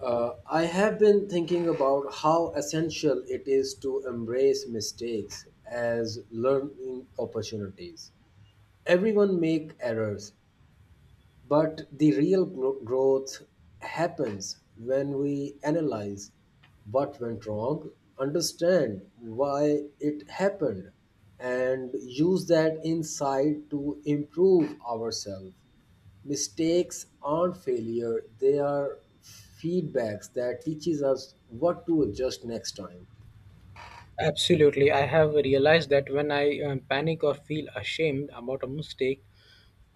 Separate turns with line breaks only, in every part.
I have been thinking about how essential it is to embrace mistakes as learning opportunities. Everyone make errors, but the real growth happens when we analyze what went wrong, understand why it happened, and use that insight to improve ourselves. Mistakes aren't failure, they are feedbacks that teaches us what to adjust next time.
Absolutely. I have realized that when I panic or feel ashamed about a mistake,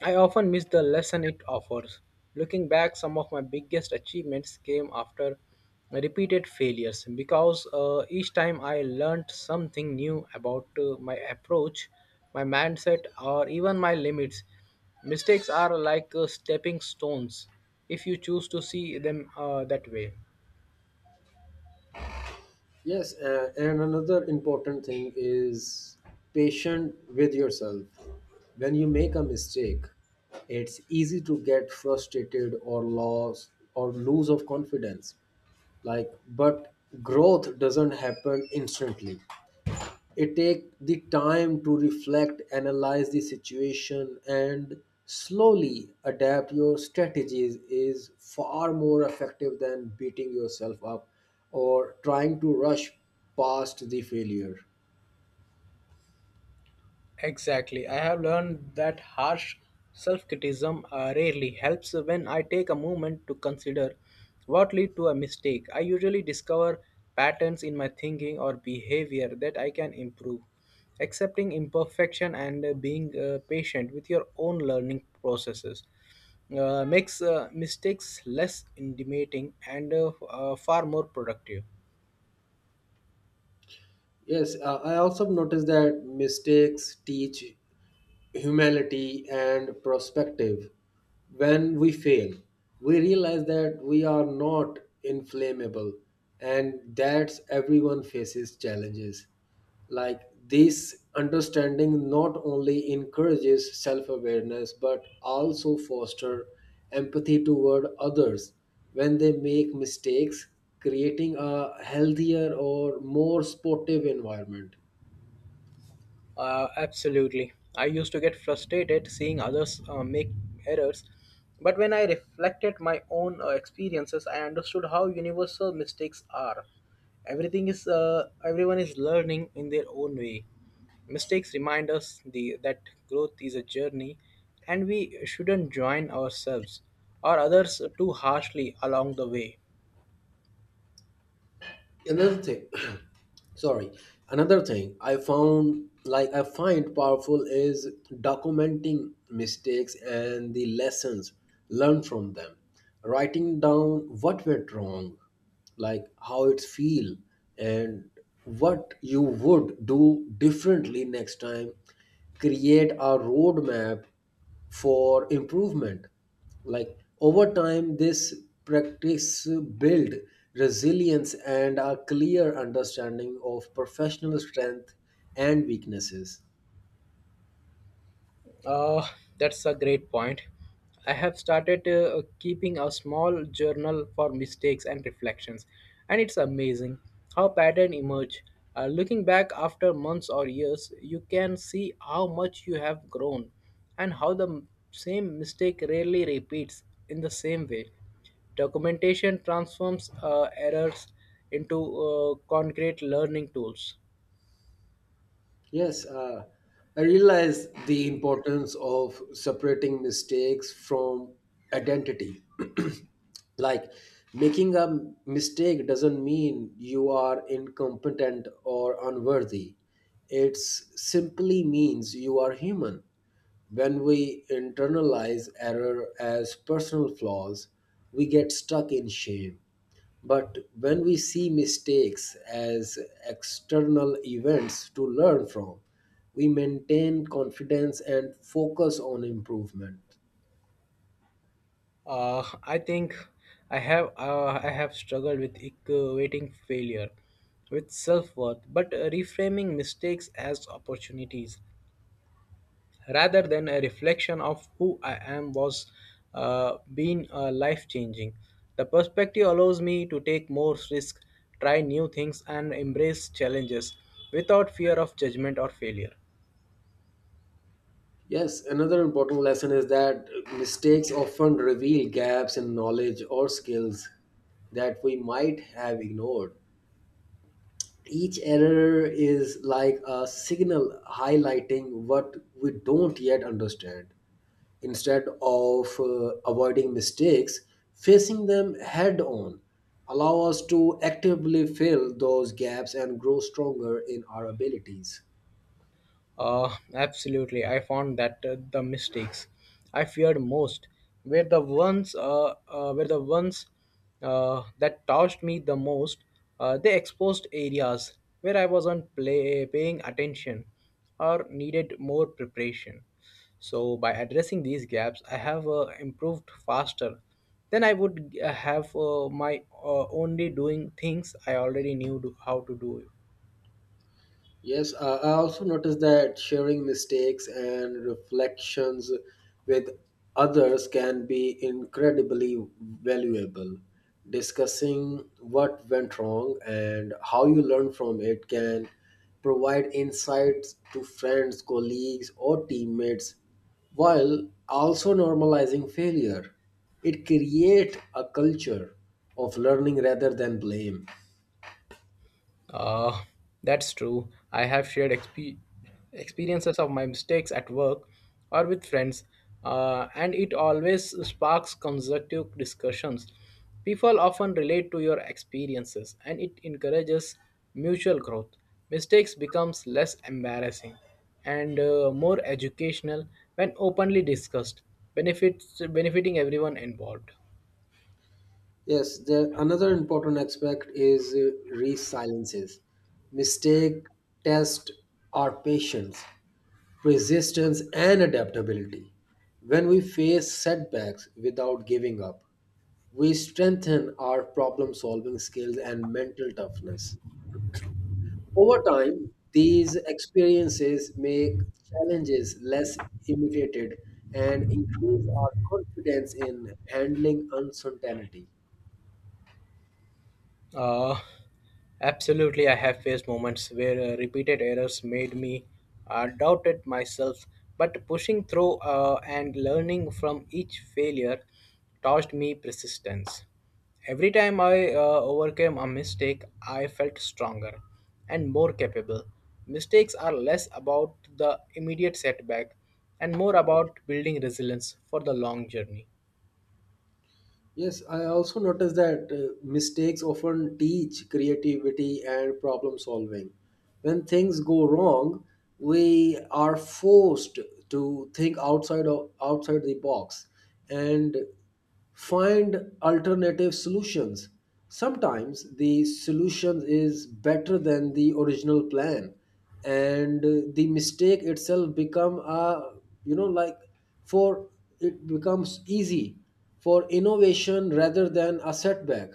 I often miss the lesson it offers. Looking back, some of my biggest achievements came after repeated failures because each time I learned something new about my approach, my mindset, or even my limits. Mistakes are like stepping stones if you choose to see them that way.
Yes, and another important thing is patient with yourself. When you make a mistake, it's easy to get frustrated or lost or lose of confidence. But growth doesn't happen instantly, it takes the time to reflect analyze the situation, and slowly adapt your strategies is far more effective than beating yourself up or trying to rush past the failure.
Exactly. I have learned that harsh self criticism rarely helps when I take a moment to consider what led to a mistake. I usually discover patterns in my thinking or behavior that I can improve. Accepting imperfection and being patient with your own learning processes makes mistakes less intimidating and far more productive.
Yes uh, i also noticed that mistakes teach humility and perspective. When we fail, we realize that we are not inflammable and that everyone faces challenges. Like this understanding not only encourages self-awareness but also foster empathy toward others when they make mistakes, creating a healthier or more sportive environment.
Absolutely. I used to get frustrated seeing others make errors, but when I reflected my own experiences, I understood how universal mistakes are. Everything is Everyone is learning in their own way. Mistakes remind us that growth is a journey, and we shouldn't join ourselves or others too harshly along the way.
Another thing sorry Another thing I found like I find powerful is documenting mistakes and the lessons learned from them, writing down what went wrong, like how it feel, and what you would do differently next time create a roadmap for improvement. Over time, this practice build resilience and a clear understanding of professional strength and weaknesses.
Uh, that's a great point. I have started keeping a small journal for mistakes and reflections, and it's amazing how patterns emerge. Looking back after months or years, you can see how much you have grown and how the same mistake rarely repeats in the same way. Documentation transforms errors into concrete learning tools.
Yes, I realize the importance of separating mistakes from identity. like Making a mistake doesn't mean you are incompetent or unworthy, it simply means you are human. When we internalize error as personal flaws, we get stuck in shame, but when we see mistakes as external events to learn from, we maintain confidence and focus on improvement.
I think I have struggled with equating failure with self-worth, but reframing mistakes as opportunities rather than a reflection of who I am was been life-changing. The perspective allows me to take more risks, try new things, and embrace challenges without fear of judgment or failure.
Yes, another important lesson is that mistakes often reveal gaps in knowledge or skills that we might have ignored. Each error is like a signal highlighting what we don't yet understand. Instead of avoiding mistakes, facing them head on allow us to actively fill those gaps and grow stronger in our abilities.
Absolutely. I found that the mistakes I feared most were the ones that touched me the most. They exposed areas where I wasn't paying attention or needed more preparation. So by addressing these gaps, I have improved faster than I would have my only doing things I already knew how to do.
Yes, I also noticed that sharing mistakes and reflections with others can be incredibly valuable. Discussing what went wrong and how you learned from it can provide insights to friends, colleagues, or teammates, while also normalizing failure. It creates a culture of learning rather than blame.
Uh, that's true. I have shared experiences of my mistakes at work or with friends, and it always sparks constructive discussions. People often relate to your experiences, and it encourages mutual growth. Mistakes becomes less embarrassing and more educational when openly discussed, benefits benefiting everyone involved.
Yes, the another important aspect is resiliences. Mistake, test, our patience, persistence, and adaptability. When we face setbacks without giving up, we strengthen our problem solving skills and mental toughness. Over time, these experiences make challenges less imitated and increase our confidence in handling uncertainty.
Uh, absolutely, I have faced moments where repeated errors made me doubted myself, but pushing through and learning from each failure taught me persistence. Every time I overcame a mistake, I felt stronger and more capable. Mistakes are less about the immediate setback and more about building resilience for the long journey.
Yes, I also noticed that mistakes often teach creativity and problem solving. When things go wrong, we are forced to think outside the box and find alternative solutions. Sometimes the solution is better than the original plan, and the mistake itself become a you know like for it becomes easy for innovation rather than a setback.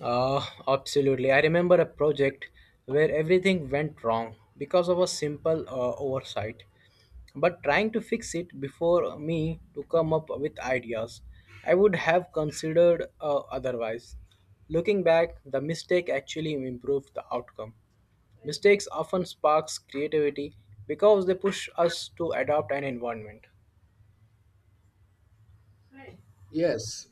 Absolutely. I remember a project where everything went wrong because of a simple oversight. But trying to fix it before me to come up with ideas, I would have considered otherwise. Looking back, the mistake actually improved the outcome. Mistakes often sparks creativity because they push us to adopt an environment.
yes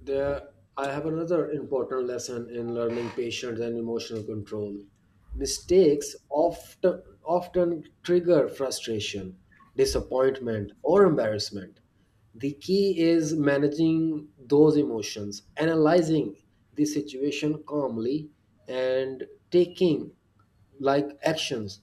There, I have another important lesson in learning patience and emotional control. Mistakes often trigger frustration, disappointment, or embarrassment. The key is managing those emotions, analyzing the situation calmly, and taking actions.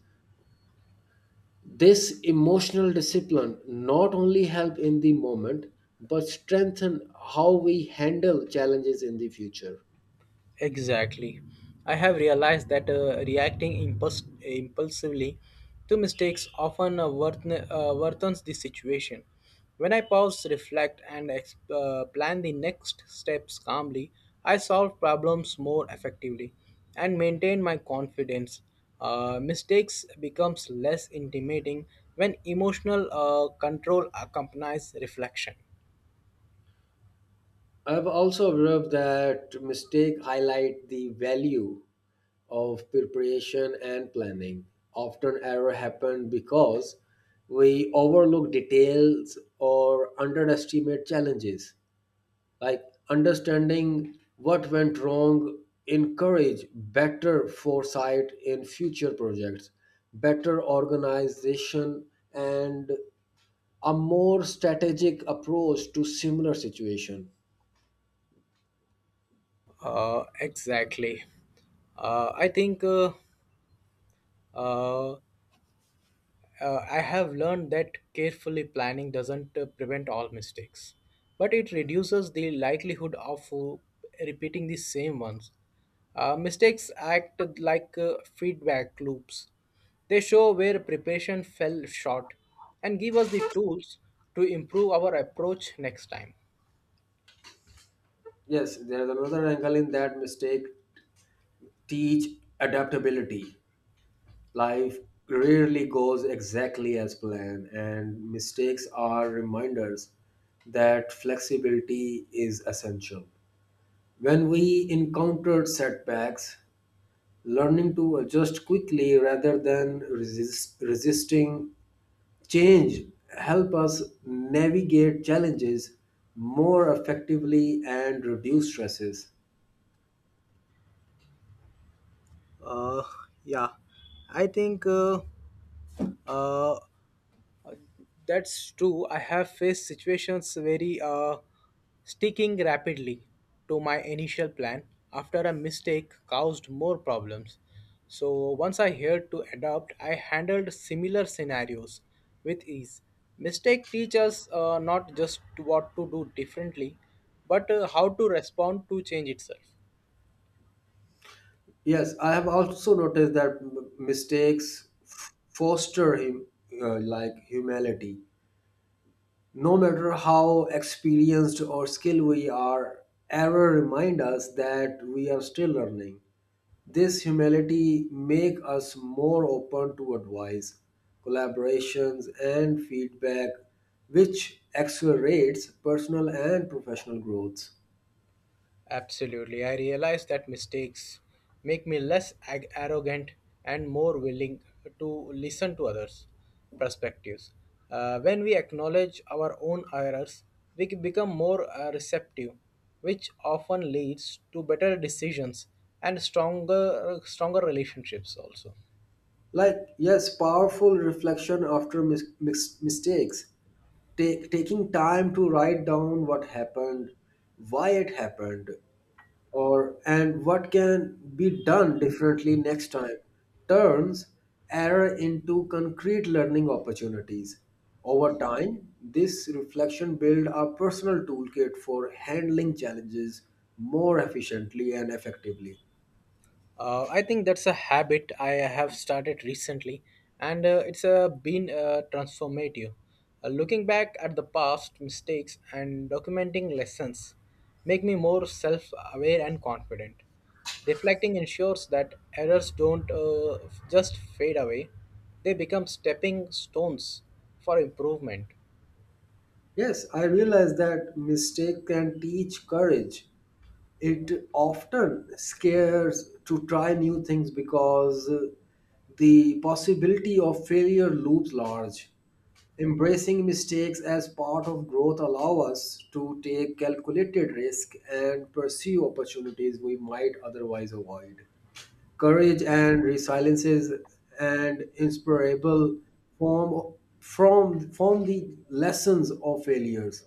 This emotional discipline not only help in the moment but strengthen how we handle challenges in the future.
Exactly. I have realized that reacting impulsively to mistakes often worthens the situation. When I pause, reflect, and plan the next steps calmly, I solve problems more effectively and maintain my confidence. Mistakes becomes less intimidating when emotional control accompanies reflection.
I've also observed that mistake highlight the value of preparation and planning. Often error happen because we overlook details or underestimate challenges. like Understanding what went wrong encourage better foresight in future projects, better organization, and a more strategic approach to similar situation.
Exactly. Uh, I think uh, uh, I have learned that carefully planning doesn't prevent all mistakes, but it reduces the likelihood of repeating the same ones. Mistakes act like feedback loops. They show where preparation fell short and give us the tools to improve our approach next time.
yes, there's another angle in that mistake teach adaptability. Life rarely goes exactly as planned, and mistakes are reminders that flexibility is essential. When we encountered setbacks, learning to adjust quickly rather than resisting change help us navigate challenges more effectively and reduce stresses.
Uh, yeah, I think uh, that's true. I have faced situations very sticking rapidly to my initial plan after a mistake caused more problems. So once I had to adapt, I handled similar scenarios with ease. Mistake teaches not just what to do differently, but how to respond to change itself.
Yes, I have also noticed that mistakes foster him like humility. No matter how experienced or skilled we are, error remind us that we are still learning. This humility make us more open to advice, collaborations, and feedback, which accelerates personal and professional growth.
Absolutely. I realize that mistakes make me less arrogant and more willing to listen to others' perspectives. When we acknowledge our own errors, we become more receptive, which often leads to better decisions and stronger relationships also.
Powerful reflection after mistakes. Taking time to write down what happened, why it happened, or and what can be done differently next time turns error into concrete learning opportunities. Over time, this reflection builds a personal toolkit for handling challenges more efficiently and effectively.
I think that's a habit I have started recently, and it's been transformative. Looking back at the past mistakes and documenting lessons make me more self-aware and confident. Reflecting ensures that errors don't just fade away; they become stepping stones for improvement.
Yes, I realize that mistake can teach courage. It often scares to try new things because the possibility of failure looms large. Embracing mistakes as part of growth allow us to take calculated risk and pursue opportunities we might otherwise avoid. Courage and resilience is an inspirable form from the lessons of failures.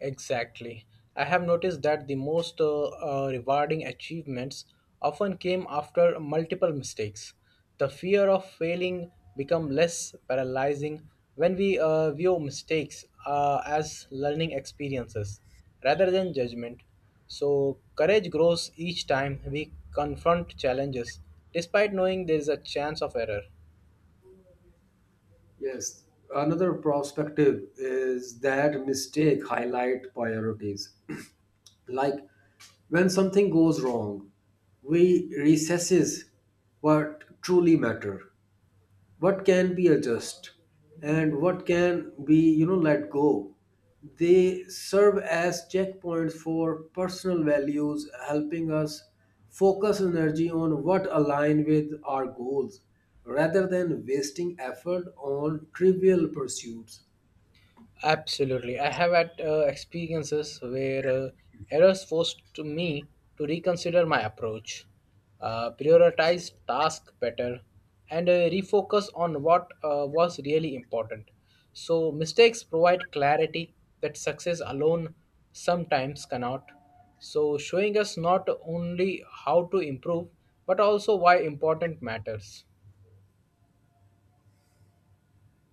Exactly. I have noticed that the most rewarding achievements often came after multiple mistakes. The fear of failing become less paralyzing when we view mistakes as learning experiences rather than judgment. So courage grows each time we confront challenges despite knowing there is a chance of error.
Yes, another perspective is that mistake highlight priorities. Like when something goes wrong, we recesses what truly matter, what can be adjusted, and what can be you know let go. They serve as checkpoints for personal values, helping us focus energy on what align with our goals rather than wasting effort on trivial pursuits.
Absolutely. I have had experiences where errors forced to me to reconsider my approach, prioritize tasks better, and refocus on what was really important. So, mistakes provide clarity that success alone sometimes cannot. So, showing us not only how to improve, but also why important matters.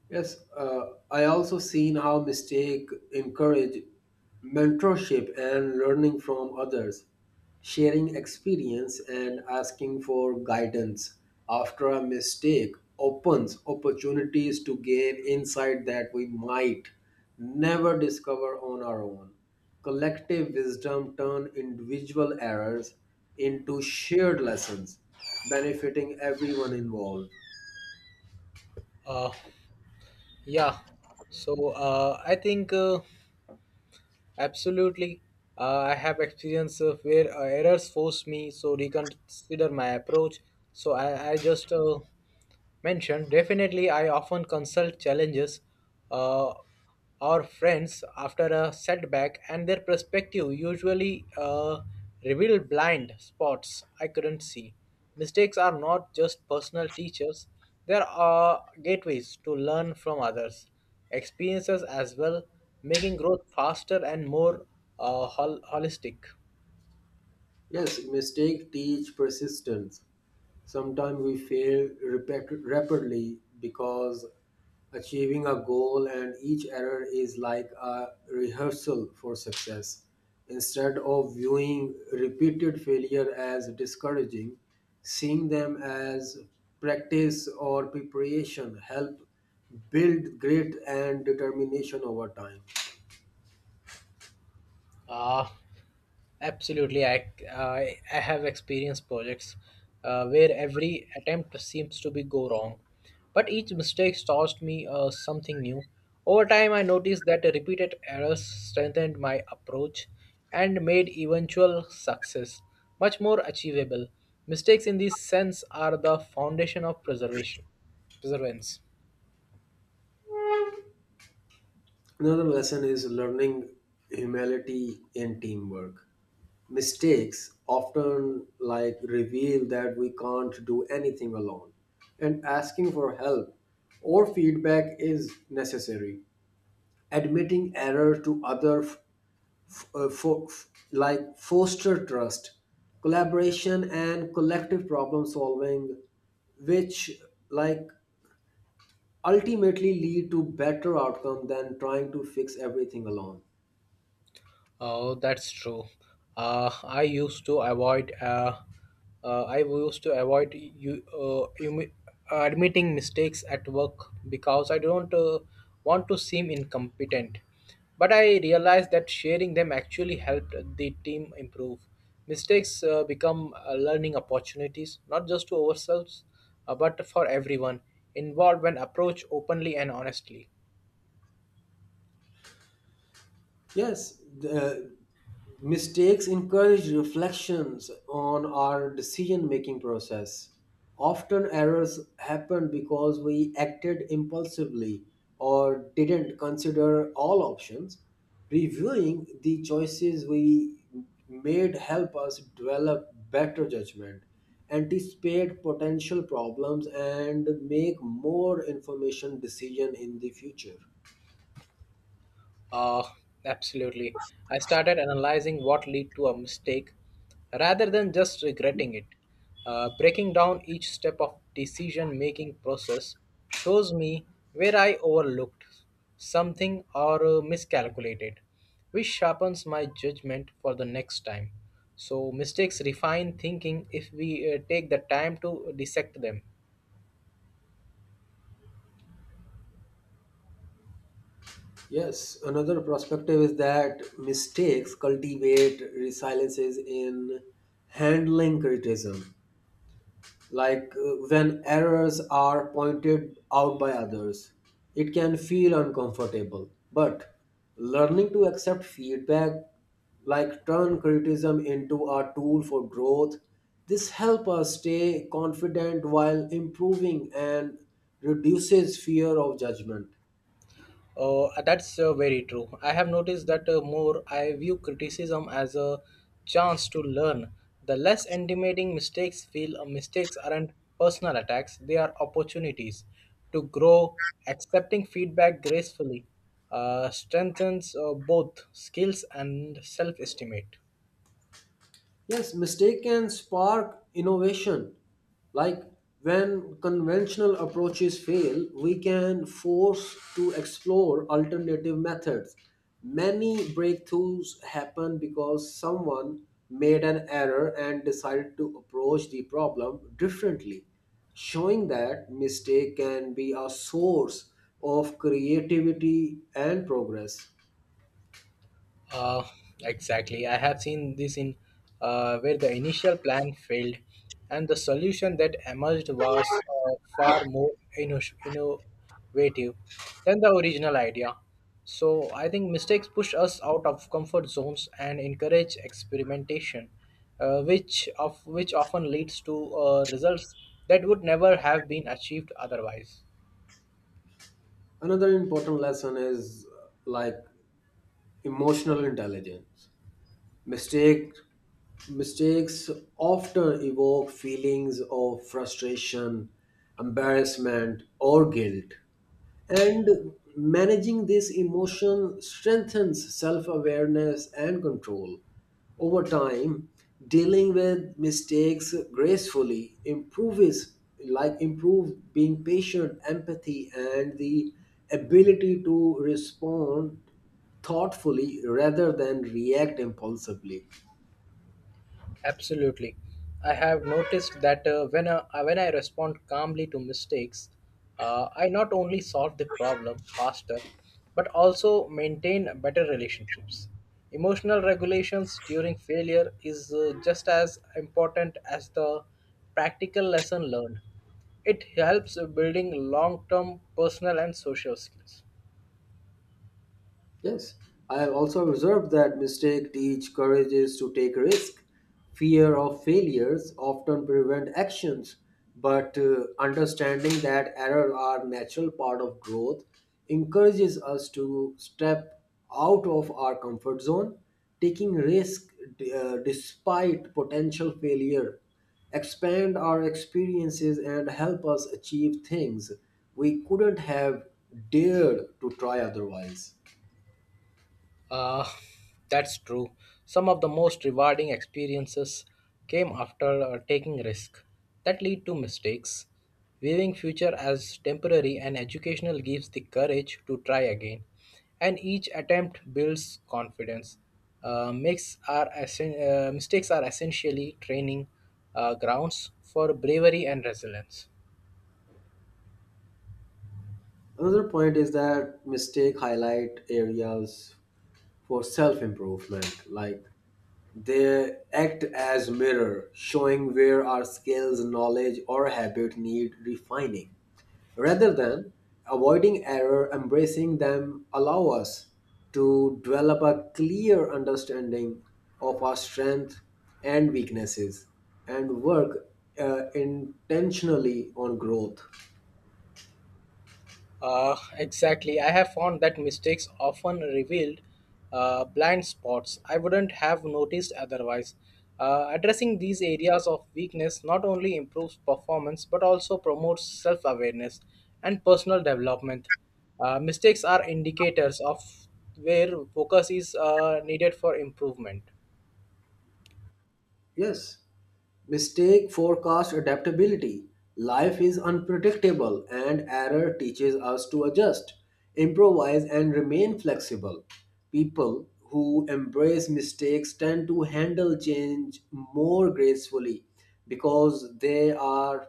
Yes, I also seen how mistake encourage mentorship and learning from others. Sharing experience and asking for guidance after a mistake opens opportunities to gain insight that we might never discover on our own. Collective wisdom turn individual errors into shared lessons, benefiting everyone involved.
Uh, yeah. So, I think. Absolutely. I have experience of where errors force me so reconsider my approach. So I just mentioned definitely I often consult challenges uh, or friends after a setback and their perspective usually reveal blind spots I couldn't see. Mistakes are not just personal teachers, they are gateways to learn from others, experiences as well, making growth faster and more holistic.
Yes, mistakes teach persistence. Sometimes we fail rapidly because achieving a goal, and each error is like a rehearsal for success. Instead of viewing repeated failure as discouraging, seeing them as practice or preparation help build grit and determination over time.
Ah. Absolutely, I have experienced projects where every attempt seems to be go wrong, but each mistake taught me something new. Over time, I noticed that repeated errors strengthened my approach and made eventual success much more achievable. Mistakes in this sense are the foundation of preservation, preservance.
Another lesson is learning humility in teamwork. Mistakes often like reveal that we can't do anything alone, and asking for help or feedback is necessary. Admitting error to other foster trust, collaboration, and collective problem solving, which like ultimately lead to better outcome than trying to fix everything alone.
Oh, that's true. I used to avoid. I used to avoid you, you admitting mistakes at work because I don't want to seem incompetent. But I realized that sharing them actually helped the team improve. Mistakes become learning opportunities, not just to ourselves, but for everyone involved when approached openly and honestly.
Yes, the mistakes encourage reflections on our decision making process. Often errors happen because we acted impulsively or didn't consider all options. Reviewing the choices we made help us develop better judgment, anticipate potential problems, and make more information decision in the future.
Uh, absolutely. I started analyzing what led to a mistake rather than just regretting it. Breaking down each step of decision making process shows me where I overlooked something or miscalculated, which sharpens my judgment for the next time. So mistakes refine thinking if we take the time to dissect them.
Yes, another perspective is that mistakes cultivate resiliences in handling criticism. When errors are pointed out by others, it can feel uncomfortable. But learning to accept feedback, turn criticism into a tool for growth, this help us stay confident while improving and reduces fear of judgment.
That's very true. I have noticed that more I view criticism as a chance to learn. The less intimidating mistakes feel mistakes aren't personal attacks, they are opportunities to grow. Accepting feedback gracefully strengthens both skills and self estimate.
Yes, mistake can spark innovation. Like when conventional approaches fail, we can force to explore alternative methods. Many breakthroughs happen because someone made an error and decided to approach the problem differently, showing that mistake can be a source of creativity and progress.
Uh, exactly. I have seen this in where the initial plan failed, and the solution that emerged was far more innovative than the original idea. So I think mistakes push us out of comfort zones and encourage experimentation, which often leads to results that would never have been achieved otherwise.
Another important lesson is emotional intelligence. Mistake, mistakes often evoke feelings of frustration, embarrassment, or guilt. And managing this emotion strengthens self awareness and control. Over time, dealing with mistakes gracefully improves like improve being patient, empathy, and the ability to respond thoughtfully rather than react impulsively.
Absolutely. I have noticed that when I respond calmly to mistakes, I not only solve the problem faster, but also maintain better relationships. Emotional regulations during failure is just as important as the practical lesson learned. It helps building long term personal and social skills.
Yes, I have also observed that mistake teach courage is to take risk. Fear of failures often prevent actions, but understanding that errors are natural part of growth encourages us to step out of our comfort zone. Taking risk despite potential failure expand our experiences and help us achieve things we couldn't have dared to try otherwise.
Uh, that's true. Some of the most rewarding experiences came after taking risk that lead to mistakes. Viewing future as temporary and educational gives the courage to try again, and each attempt builds confidence. Mistakes are essentially training grounds for bravery and resilience.
Another point is that mistake highlight areas for self-improvement, like they act as mirror, showing where our skills, knowledge, or habit need refining. Rather than avoiding error, embracing them allow us to develop a clear understanding of our strength and weaknesses, and work intentionally on growth.
Exactly. I have found that mistakes often revealed blind spots I wouldn't have noticed otherwise. Addressing these areas of weakness not only improves performance but also promotes self awareness and personal development. Mistakes are indicators of where focus is needed for improvement.
Yes. Mistake forecast adaptability. Life is unpredictable and error teaches us to adjust, improvise, and remain flexible. People who embrace mistakes tend to handle change more gracefully because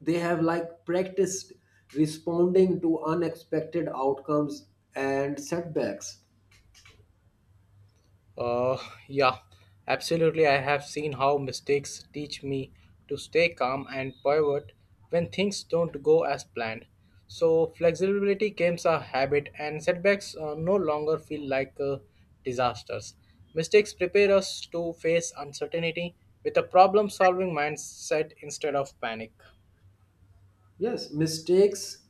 they have practiced responding to unexpected outcomes and setbacks.
Uh, yeah, absolutely. I have seen how mistakes teach me to stay calm and pivot when things don't go as planned. So, flexibility becomes a habit, and setbacks no longer feel like disasters. Mistakes prepare us to face uncertainty with a problem solving mindset instead of panic.
Yes, mistakes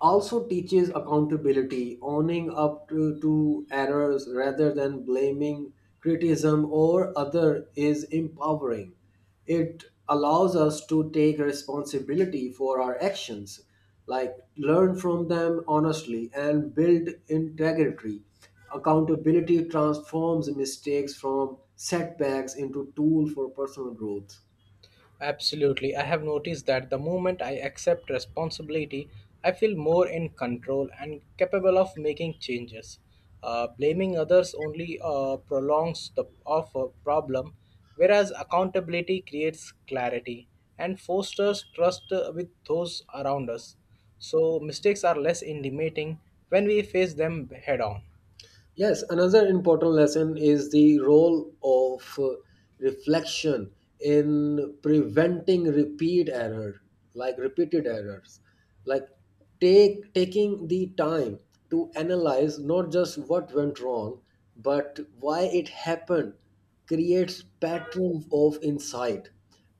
also teaches accountability, owning up to errors rather than blaming criticism or other is empowering. It allows us to take responsibility for our actions, learn from them honestly, and build integrity. Accountability transforms mistakes from setbacks into tool for personal growth.
Absolutely. I have noticed that the moment I accept responsibility, I feel more in control and capable of making changes. Blaming others only prolongs the of a problem, whereas accountability creates clarity and fosters trust with those around us. So mistakes are less intimidating when we face them head on.
Yes, another important lesson is the role of reflection in preventing repeated errors. Like take taking the time to analyze not just what went wrong, but why it happened creates patterns of insight.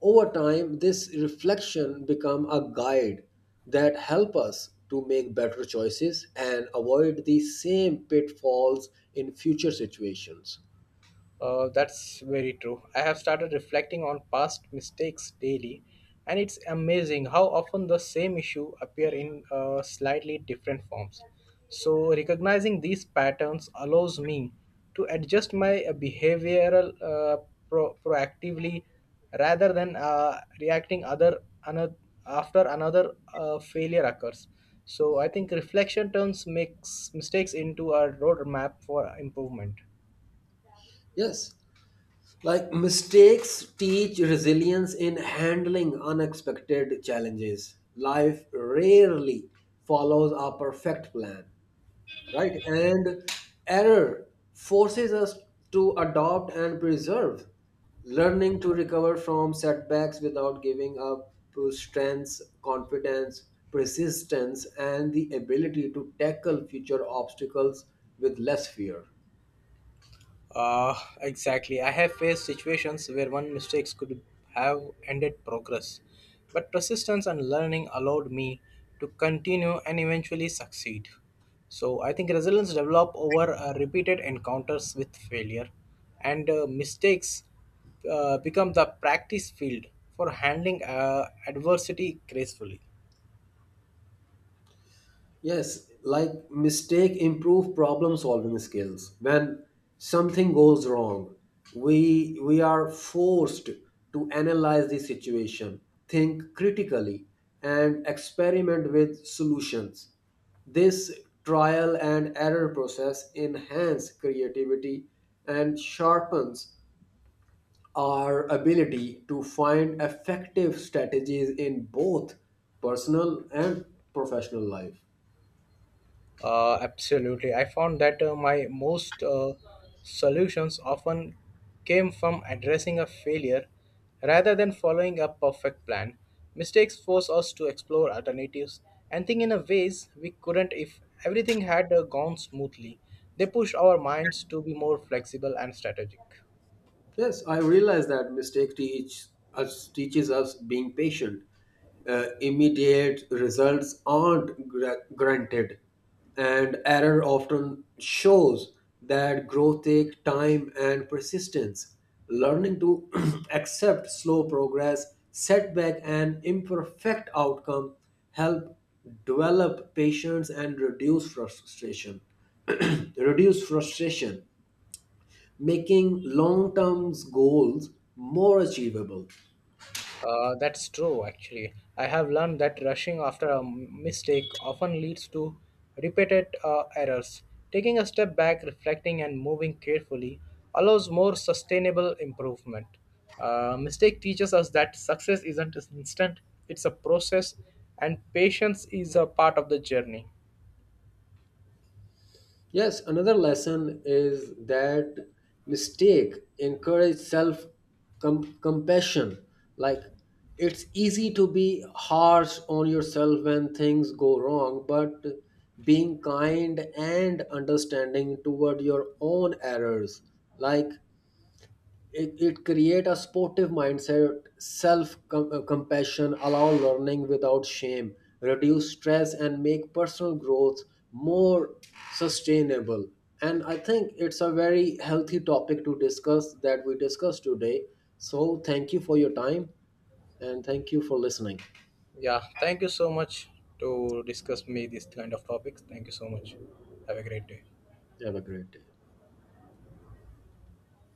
Over time, this reflection become a guide that help us to make better choices and avoid the same pitfalls in future situations.
That's very true. I have started reflecting on past mistakes daily, and it's amazing how often the same issue appear in slightly different forms. So recognizing these patterns allows me to adjust my behavioral proactively rather than reacting other another after another failure occurs. So I think reflection turns makes mistakes into a roadmap for improvement.
Yes, mistakes teach resilience in handling unexpected challenges. Life rarely follows a perfect plan, right? And error forces us to adopt and preserve, learning to recover from setbacks without giving up to strengths, confidence, persistence, and the ability to tackle future obstacles with less fear.
Exactly. I have faced situations where one mistake could have ended progress, but persistence and learning allowed me to continue and eventually succeed. So I think resilience develop over repeated encounters with failure, and mistakes become the practice field for handling adversity gracefully.
Yes, mistake improve problem solving skills. When something goes wrong, we are forced to analyze the situation, think critically, and experiment with solutions. This trial and error process enhances creativity and sharpens our ability to find effective strategies in both personal and professional life.
Absolutely. I found that my most solutions often came from addressing a failure rather than following a perfect plan. Mistakes force us to explore alternatives and think in a ways we couldn't if everything had gone smoothly. They push our minds to be more flexible and strategic.
Yes, I realize that mistake teach us teaches us being patient. Immediate results aren't granted, and error often shows that growth takes time and persistence. Learning to accept slow progress, setback, and imperfect outcome help develop patience and reduce frustration. Reduce frustration, making long term goals more achievable.
That's true, actually. I have learned that rushing after a mistake often leads to repeated errors. Taking a step back, reflecting, and moving carefully allows more sustainable improvement. Mistake teaches us that success isn't instant, it's a process, and patience is a part of the journey.
Yes, another lesson is that mistake encourage self compassion. Like it's easy to be harsh on yourself when things go wrong, but being kind and understanding toward your own errors, like it create a sportive mindset. Self compassion allow learning without shame, reduce stress, and make personal growth more sustainable. And I think it's a very healthy topic to discuss that we discussed today. So thank you for your time, and thank you for listening.
Yeah, thank you so much to discuss me these kind of topics. Thank you so much. Have a great day.
Have a great day.